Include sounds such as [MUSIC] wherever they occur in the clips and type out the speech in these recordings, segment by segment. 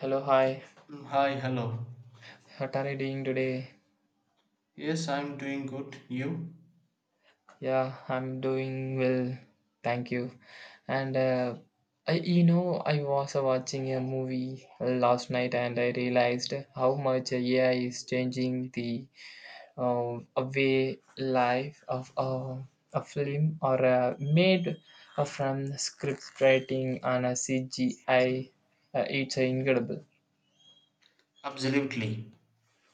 Hello, hi. Mm, hi, hello. What are you doing today? Yes, I'm doing good. You? Yeah, I'm doing well. Thank you. And I was watching a movie last night, and I realized how much AI is changing the way life of a film or made from script writing and a CGI. It's incredible. Absolutely.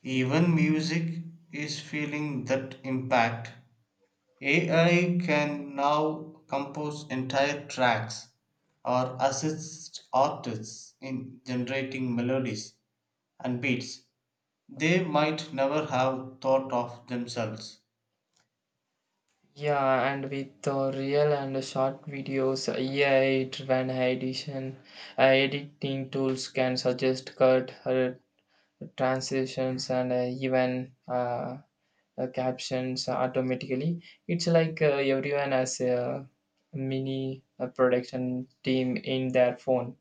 Even music is feeling that impact. AI can now compose entire tracks or assist artists in generating melodies and beats they might never have thought of themselves. Yeah, and with the real and short videos, AI driven edition, editing tools can suggest cut, transitions, and even captions automatically. It's like everyone has a mini production team in their phone.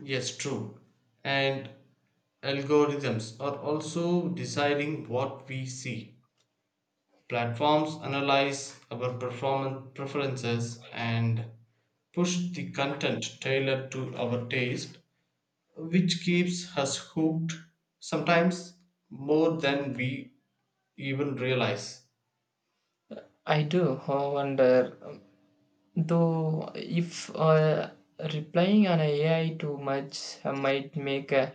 Yes, true. And algorithms are also deciding what we see. Platforms analyze our performance preferences and push the content tailored to our taste, which keeps us hooked sometimes more than we even realize. I wonder, though, if replying on AI too much might make uh,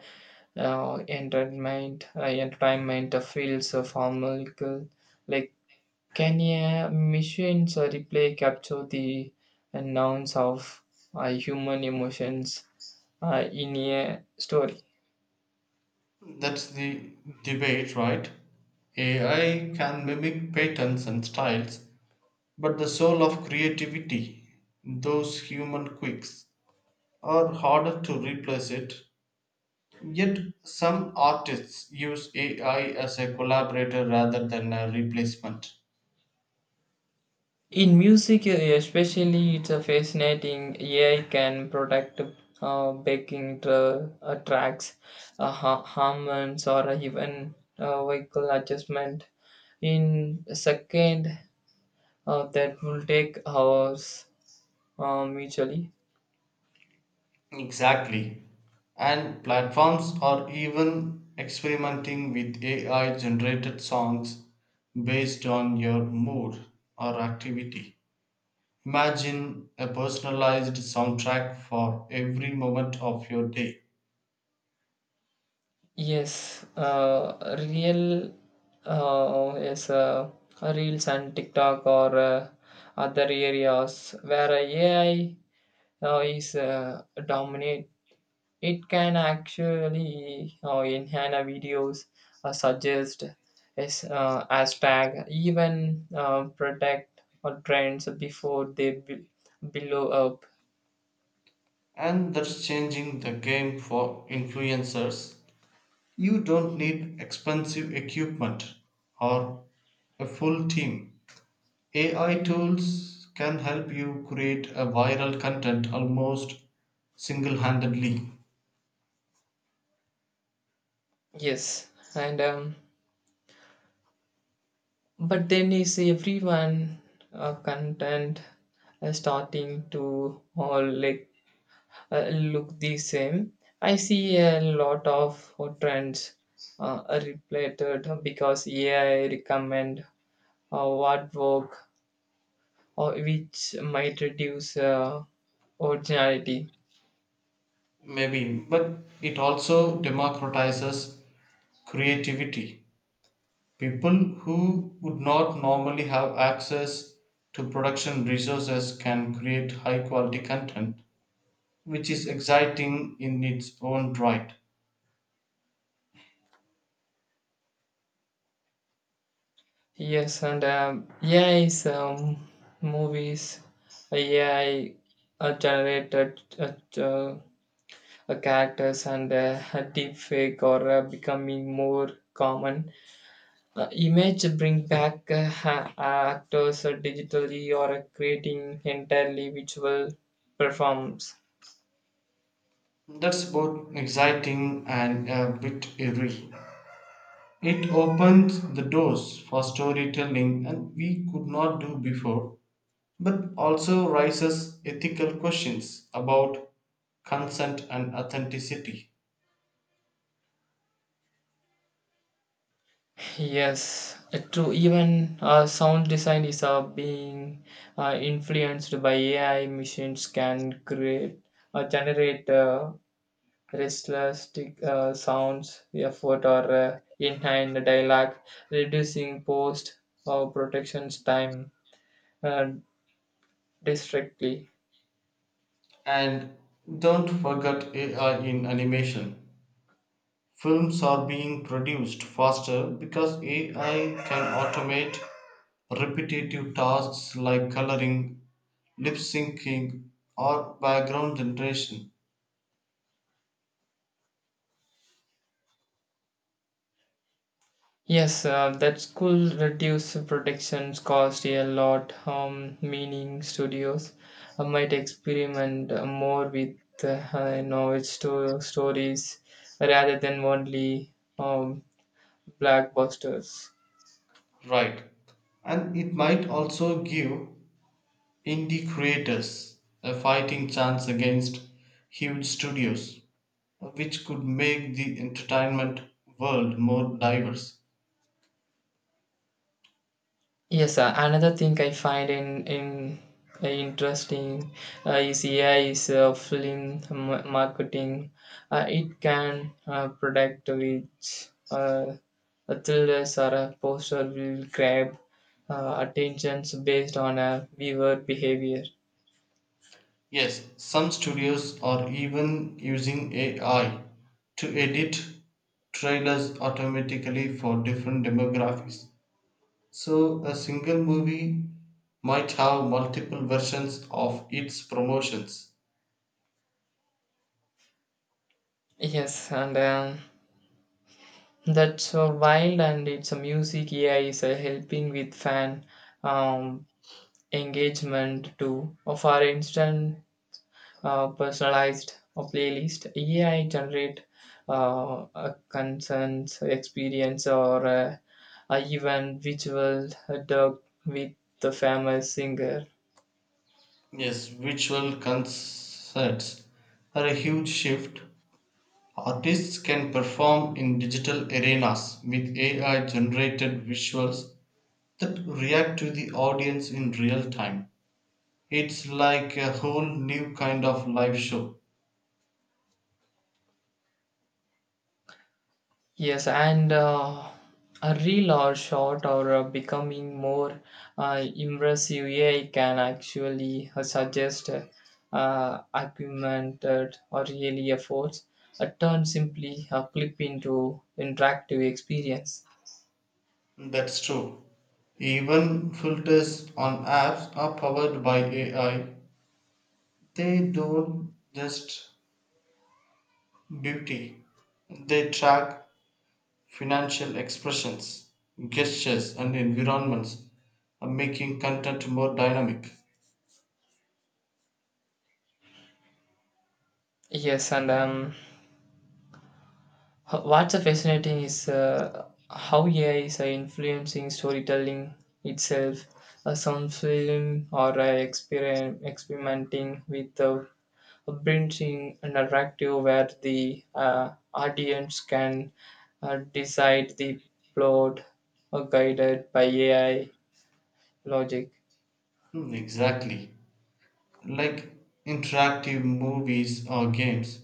uh, entertainment, uh, entertainment fields of harmonical. Like, can a machine's replay capture the nouns of human emotions in a story? That's the debate, right? AI can mimic patterns and styles, but the soul of creativity, those human quirks, are harder to replace it. Yet some artists use AI as a collaborator rather than a replacement. In music, especially, it's a fascinating. AI can protect tracks, harmonies, or even vocal adjustment in second that will take hours mutually. Exactly. And platforms are even experimenting with AI generated songs based on your mood or activity. Imagine a personalized soundtrack for every moment of your day. Yes, real is Reels and TikTok or other areas where AI is dominate. It can actually enhance our videos, suggest as hashtag, even protect or trends before they blow up. And that's changing the game for influencers. You don't need expensive equipment or a full team. AI tools can help you create a viral content almost single-handedly. Yes, and But then is everyone content starting to all like look the same? I see a lot of trends are related because AI recommend what work, or which might reduce originality. Maybe, but it also democratizes creativity. People who would not normally have access to production resources can create high quality content, which is exciting in its own right. Yes, and AI is movies, AI generated characters and [LAUGHS] deepfake are becoming more common. Image bring back actors digitally or creating entirely visual performs. That's both exciting and a bit eerie. It opens the doors for storytelling and we could not do before, but also raises ethical questions about consent and authenticity. Yes, true. Even sound design is being influenced by AI. Machines can create generate restless tick, sounds, effort, or in hand dialogue, reducing post or protection's time uh, districtly. And don't forget AI in animation. Films are being produced faster because AI can automate repetitive tasks like coloring, lip syncing, or background generation. Yes, that school reduce protections cost a lot, meaning studios might experiment more with its stories rather than only blockbusters. Right, and it might also give indie creators a fighting chance against huge studios, which could make the entertainment world more diverse. Yes, another thing I find in interesting is AI is marketing. It can predict which uh, thrillers or a poster will grab attentions based on a viewer behavior. Yes, some studios are even using AI to edit trailers automatically for different demographics. So a single movie might have multiple versions of its promotions. Yes, and That's wild, and it's a music AI is helping with fan um, engagement too. For instance, personalized playlist. AI generate a concerns, experience, or even visual dog with the famous singer. Yes, visual concerts are a huge shift. Artists can perform in digital arenas with AI generated visuals that react to the audience in real time. It's like a whole new kind of live show. Yes, and a reel or short or becoming more impressive. AI can actually suggest augmented or really efforts. A turn simply a clip into interactive experience. That's true. Even filters on apps are powered by AI. They don't just beauty, they track financial expressions, gestures, and environments, making content more dynamic. Yes, and um, What's fascinating is how AI is influencing storytelling itself. Some film or experimenting with bridging a narrative where the audience can decide the plot guided by AI logic. Hmm, exactly. Like interactive movies or games,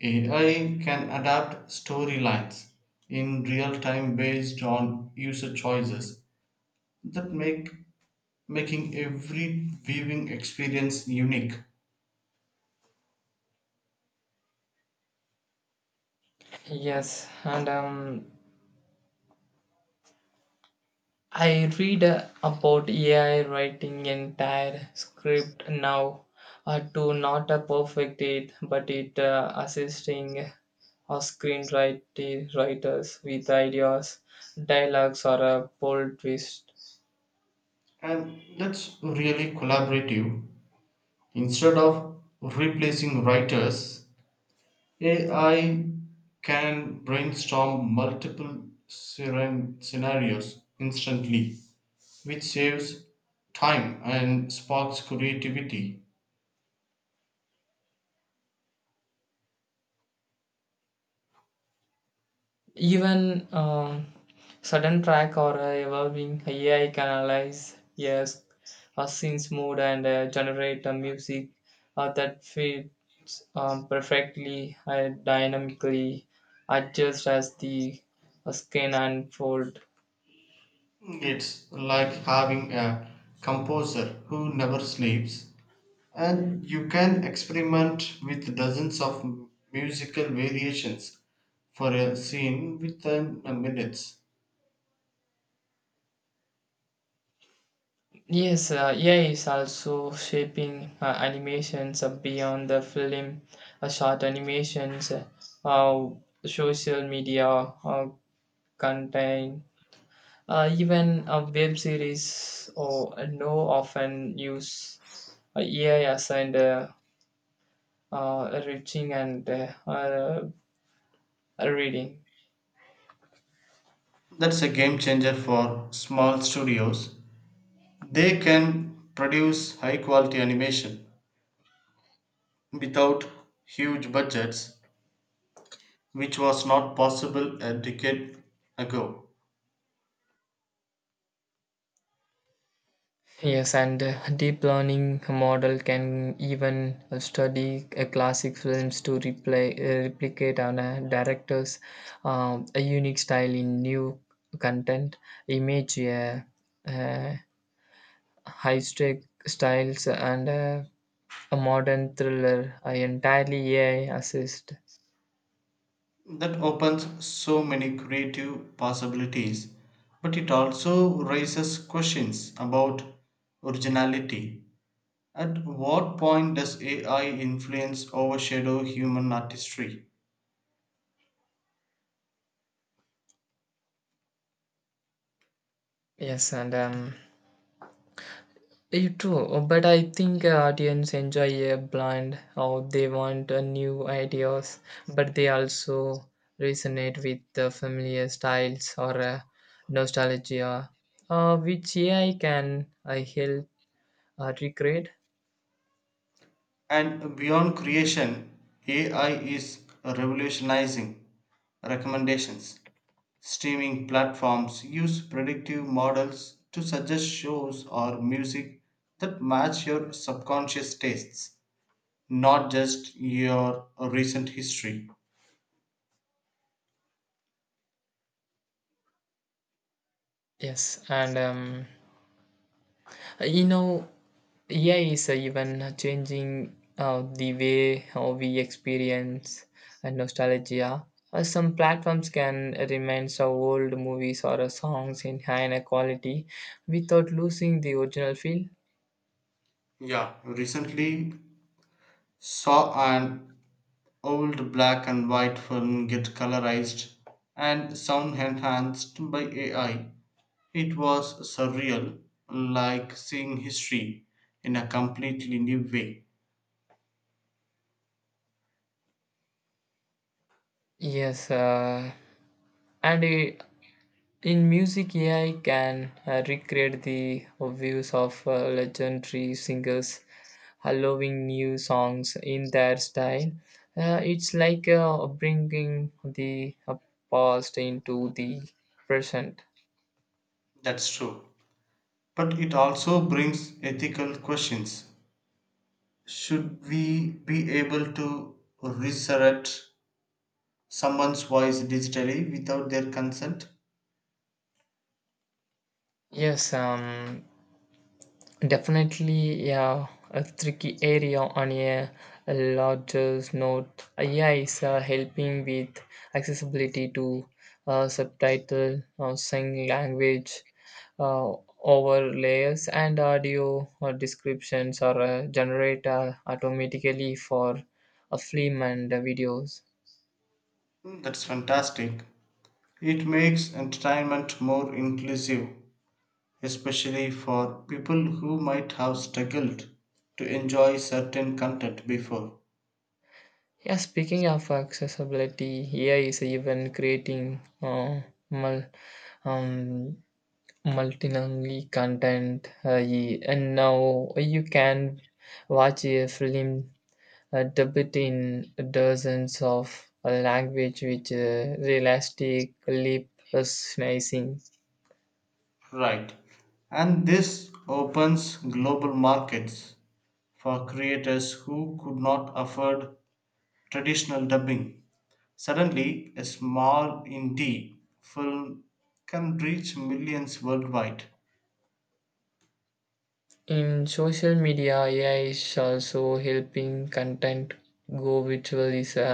AI can adapt storylines in real time based on user choices that make making every viewing experience unique. Yes, and I read about AI writing entire script now to not perfect it, but it assisting or screenwriter writers with ideas, dialogues, or a bold twist. And that's really collaborative. Instead of replacing writers, AI can brainstorm multiple scenarios instantly, which saves time and sparks creativity. Even sudden track or evolving AI can analyze, yes, a scene's mood and generate a music that fits perfectly and dynamically adjust as the skin unfold. It's like having a composer who never sleeps, and you can experiment with dozens of musical variations for a scene within a minutes. Yes, AI is also shaping animations beyond the film, short animations, uh, social media content. Even a web series or no often use AI as and reaching and reading. That's a game changer for small studios. They can produce high quality animation without huge budgets, which was not possible a decade ago. Yes, and deep learning model can even study classic films to replicate on a director's a unique style in new content, image, uh, high stake styles, and a modern thriller, I entirely AI assist. That opens so many creative possibilities, but it also raises questions about originality. At what point does AI influence overshadow human artistry? Yes, and You too. But I think audience enjoy a blind how they want new ideas, but they also resonate with the familiar styles or nostalgia, which AI can help recreate. And beyond creation, AI is revolutionizing recommendations. Streaming platforms use predictive models to suggest shows or music that match your subconscious tastes, not just your recent history. Yes, and You know, AI is even changing the way how we experience nostalgia. Some platforms can remind us of old movies or songs in higher quality without losing the original feel. Yeah, recently saw an old black and white film get colorized and sound enhanced by AI. It was surreal, like seeing history in a completely new way. Yes, and in music, AI can recreate the views of legendary singers, allowing new songs in their style. It's like bringing the past into the present. That's true. But it also brings ethical questions. Should we be able to resurrect someone's voice digitally without their consent? Yes, um, Definitely, yeah, a tricky area on a larger note. AI is helping with accessibility to subtitle, sign language, uh, overlays, and audio descriptions are generated automatically for a film and videos. Mm, that's fantastic. It makes entertainment more inclusive, especially for people who might have struggled to enjoy certain content before. Yeah, speaking of accessibility, AI is even creating mul- um, multilingual content and now you can watch a film dubbed in dozens of language with realistic lip synchronizing. Right. And this opens global markets for creators who could not afford traditional dubbing. Suddenly, a small indie film can reach millions worldwide. In social media, AI is also helping content go virtual is a,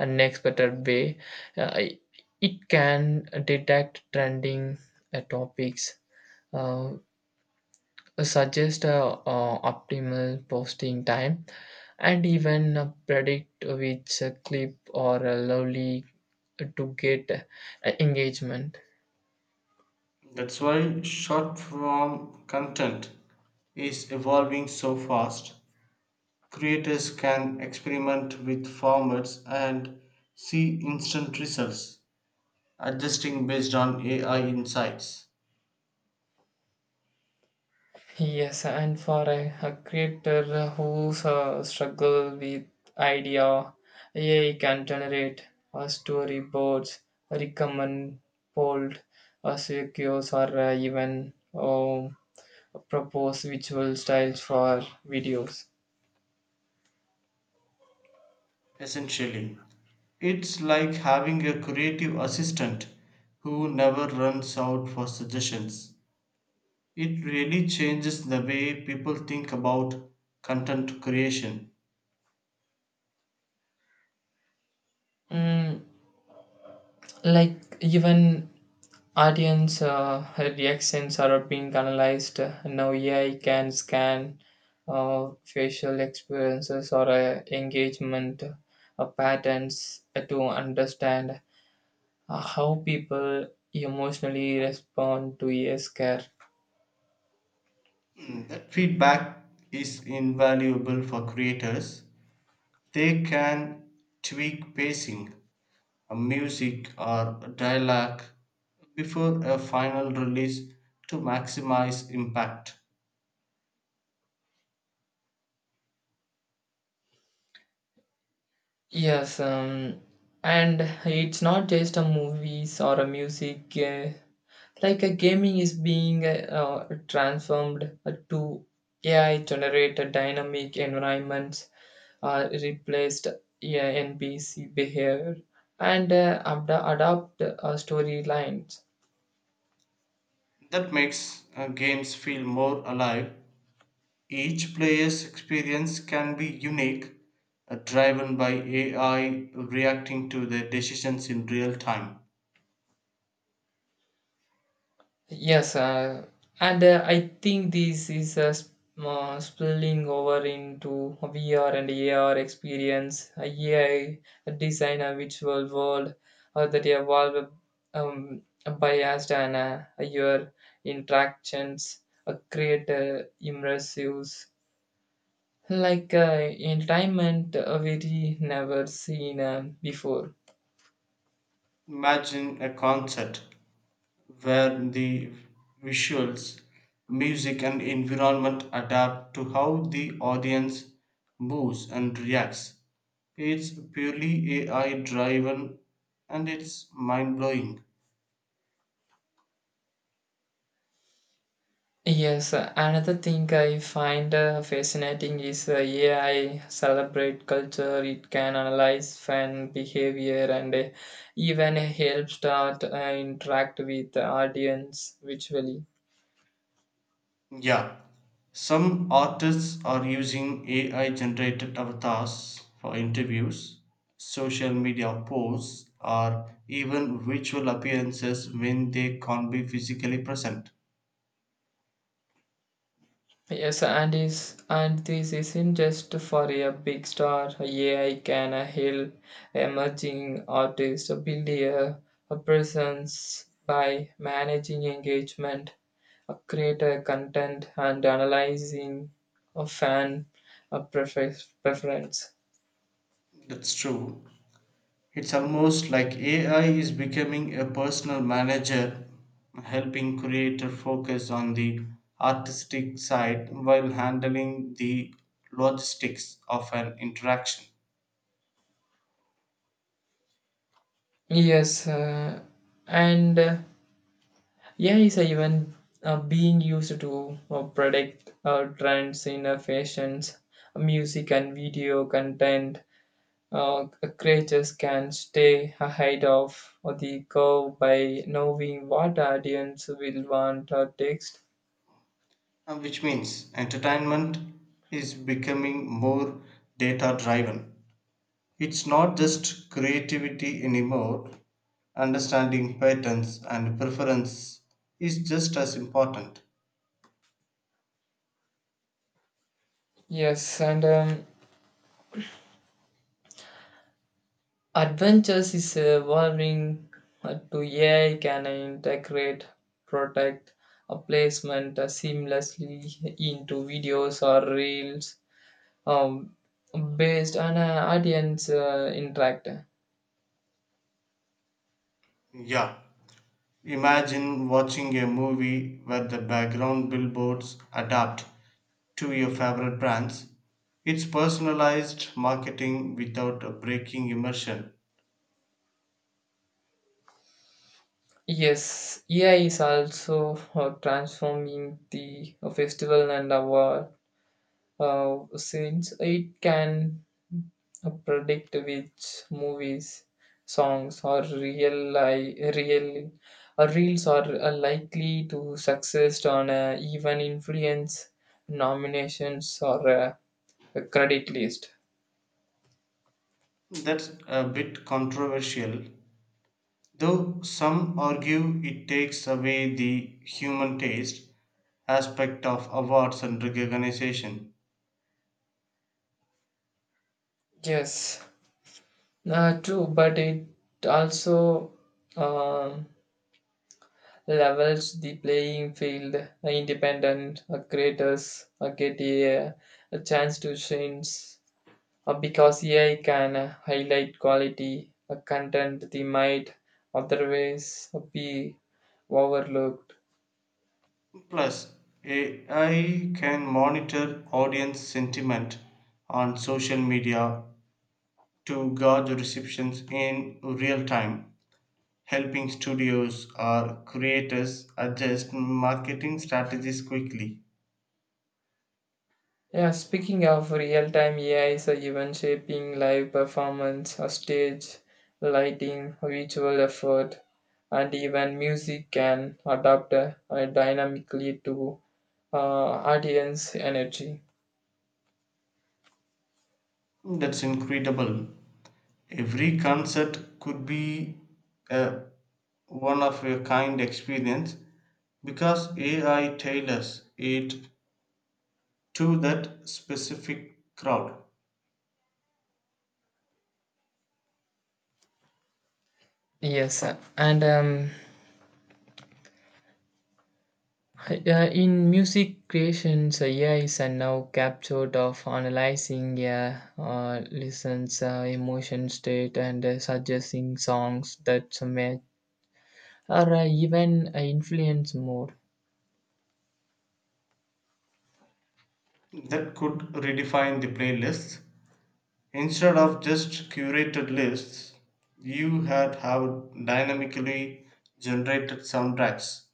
an expected way. uh, it can detect trending topics, uh, suggest a optimal posting time, and even predict which clip or a lovely to get engagement. That's why short form content is evolving so fast. Creators can experiment with formats and see instant results, adjusting based on AI insights. Yes, and for a creator who's struggle with idea, AI can generate storyboards, recommend, bold, secures, or even propose visual styles for videos. Essentially, it's like having a creative assistant who never runs out for suggestions. It really changes the way people think about content creation. Mm, like even audience reactions are being analyzed now. AI can scan facial experiences or engagement patterns to understand how people emotionally respond to a I scare. Mm, that feedback is invaluable for creators. They can tweak pacing, music, or dialogue before a final release to maximize impact. yes um, and it's not just a movies or a music, like a gaming is being transformed to AI generated dynamic environments replaced, yeah, NPC behavior and adopt storylines. That makes games feel more alive. Each player's experience can be unique, driven by AI reacting to their decisions in real time. Yes, and I think this is spilling over into VR and AR experience, AI design, a virtual world that evolve um, biased and your interactions create immersive like entertainment we never seen before. Imagine a concert where the visuals, music, and environment adapt to how the audience moves and reacts. It's purely AI driven and it's mind blowing. Yes, another thing I find fascinating is AI celebrate culture. It can analyze fan behavior and even help start interact with the audience visually. Yeah, some artists are using AI generated avatars for interviews, social media posts, or even virtual appearances when they can't be physically present. And this isn't just for a big star. AI can help emerging artists build a presence by managing engagement, create content, and analyzing a fan a prefer- preference. That's true. It's almost like AI is becoming a personal manager, helping creator focus on the artistic side while handling the logistics of an interaction. Yes, and yeah, is even being used to predict trends in fashions, music, and video content. Uh, Creators can stay ahead of the curve by knowing what audience will want or text. Which means entertainment is becoming more data driven. It's not just creativity anymore. Understanding patterns and preference is just as important. Yes, and Adventures is evolving to AI can integrate product placement seamlessly into videos or reels um, based on audience interact. Yeah. Imagine watching a movie where the background billboards adapt to your favorite brands. It's personalized marketing without breaking immersion. Yes, AI is also transforming the festival and our scenes. It can predict which movies, songs, or real or reels are likely to success on even influence nominations or a credit list. That's a bit controversial, though some argue it takes away the human taste aspect of awards and recognition. Yes, true, but it also um levels the playing field. Independent creators get a chance to shine because AI can highlight quality content they might otherwise be overlooked. Plus, AI can monitor audience sentiment on social media to gauge receptions in real time, helping studios or creators adjust marketing strategies quickly. Yeah, speaking of real time, AI is even shaping live performance, stage lighting, visual effort, and even music can adapt dynamically to audience energy. That's incredible. Every concert could be a one of a kind experience because AI tailors it to that specific crowd. Yes, sir. And uh, in music creations, AI is now captured of analyzing a listeners' emotion state and suggesting songs that match or even influence more. That could redefine the playlists. Instead of just curated lists, you had have dynamically generated soundtracks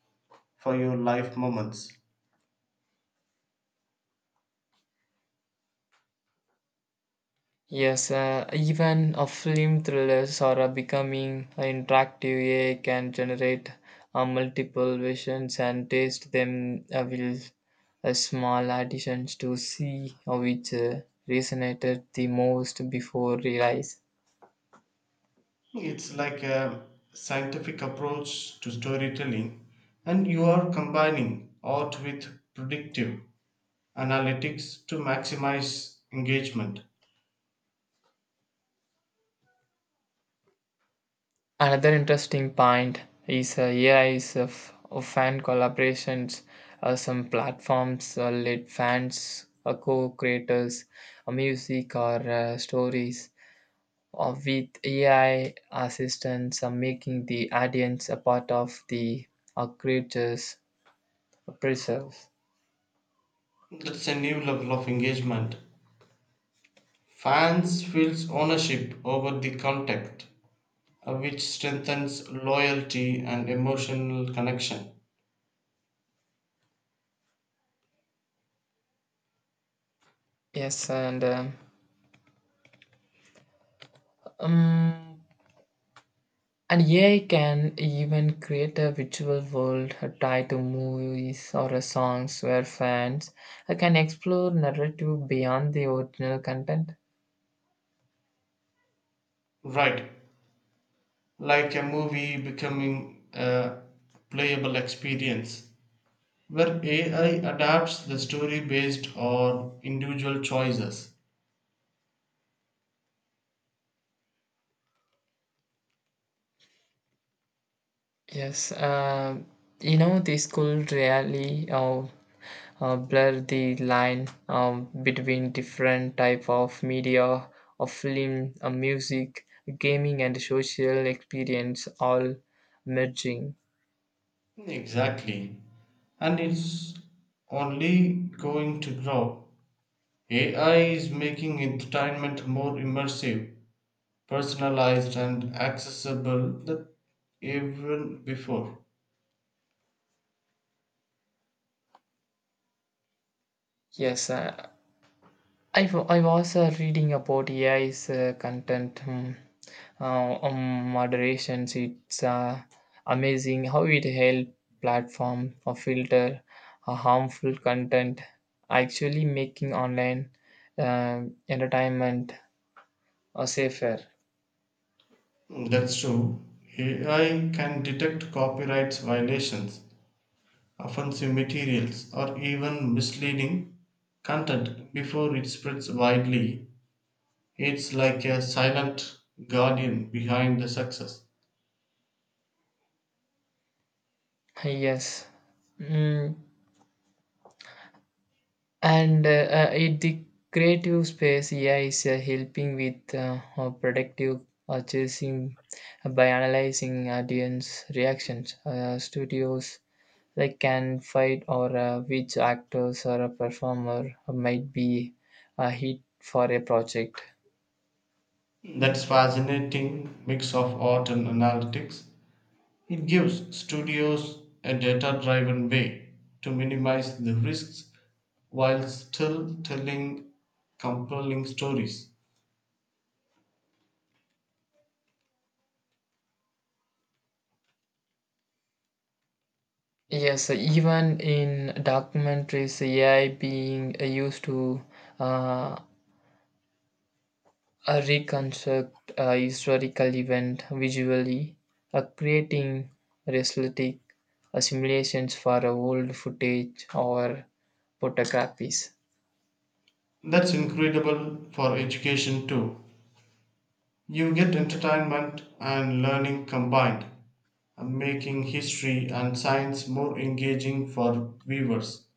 for your life moments. Yes, even a film thrillers are becoming interactive. AI can generate multiple versions and taste them with small additions to see which resonated the most before release. It's like a scientific approach to storytelling, and you are combining art with predictive analytics to maximize engagement. Another interesting point is A is of fan collaborations. Some platforms let fans, co-creators, music or stories with AI assistants making the audience a part of the creature's preserve. That's a new level of engagement. Fans feels ownership over the content, which strengthens loyalty and emotional connection. Yes, and um, um, and AI can even create a virtual world tied to movies or songs where fans can explore narrative beyond the original content. Right, like a movie becoming a playable experience where AI adapts the story based on individual choices. Yes, you know, the school really blur the line between different type of media, of film, music, gaming, and social experience all merging. Exactly. And it's only going to grow. AI is making entertainment more immersive, personalized, and accessible than even before. Yes, I was reading about AI's content moderations. It's amazing how it helps platform filter harmful content, actually making online entertainment safer. That's true. AI can detect copyright violations, offensive materials, or even misleading content before it spreads widely. It's like a silent guardian behind the success. Yes. Mm, and It the creative space, AI is helping with productive purchasing by analyzing audience reactions. Studios like can fight or which actors or a performer might be a hit for a project. That's fascinating mix of art and analytics. It gives studios a data-driven way to minimize the risks while still telling compelling stories. Yes, even in documentaries, AI being used to uh, a reconstruct a historical event visually, a creating realistic simulations for old footage or photographs. That's incredible for education too. You get entertainment and learning combined, making history and science more engaging for viewers.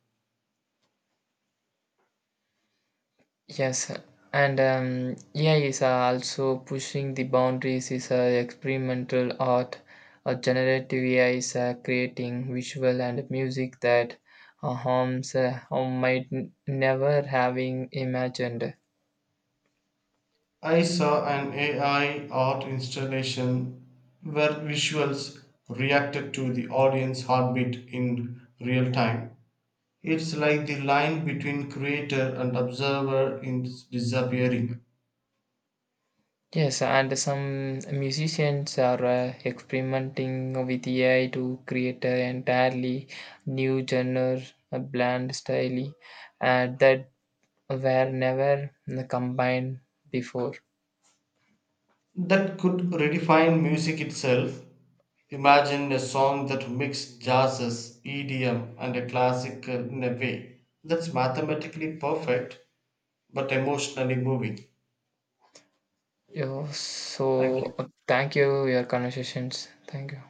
Yes, and AI is also pushing the boundaries. Is experimental art, a generative AI is creating visual and music that home might never having imagined. I saw an AI art installation where visuals reacted to the audience heartbeat in real time. It's like the line between creator and observer is disappearing. Yes, and some musicians are experimenting with AI to create an entirely new genre, a bland style that were never combined before. That could redefine music itself. Imagine a song that mixed jazzes, EDM, and a classic in a way that's mathematically perfect but emotionally moving. Yeah, Thank you. so, thank you, your conversations. Thank you.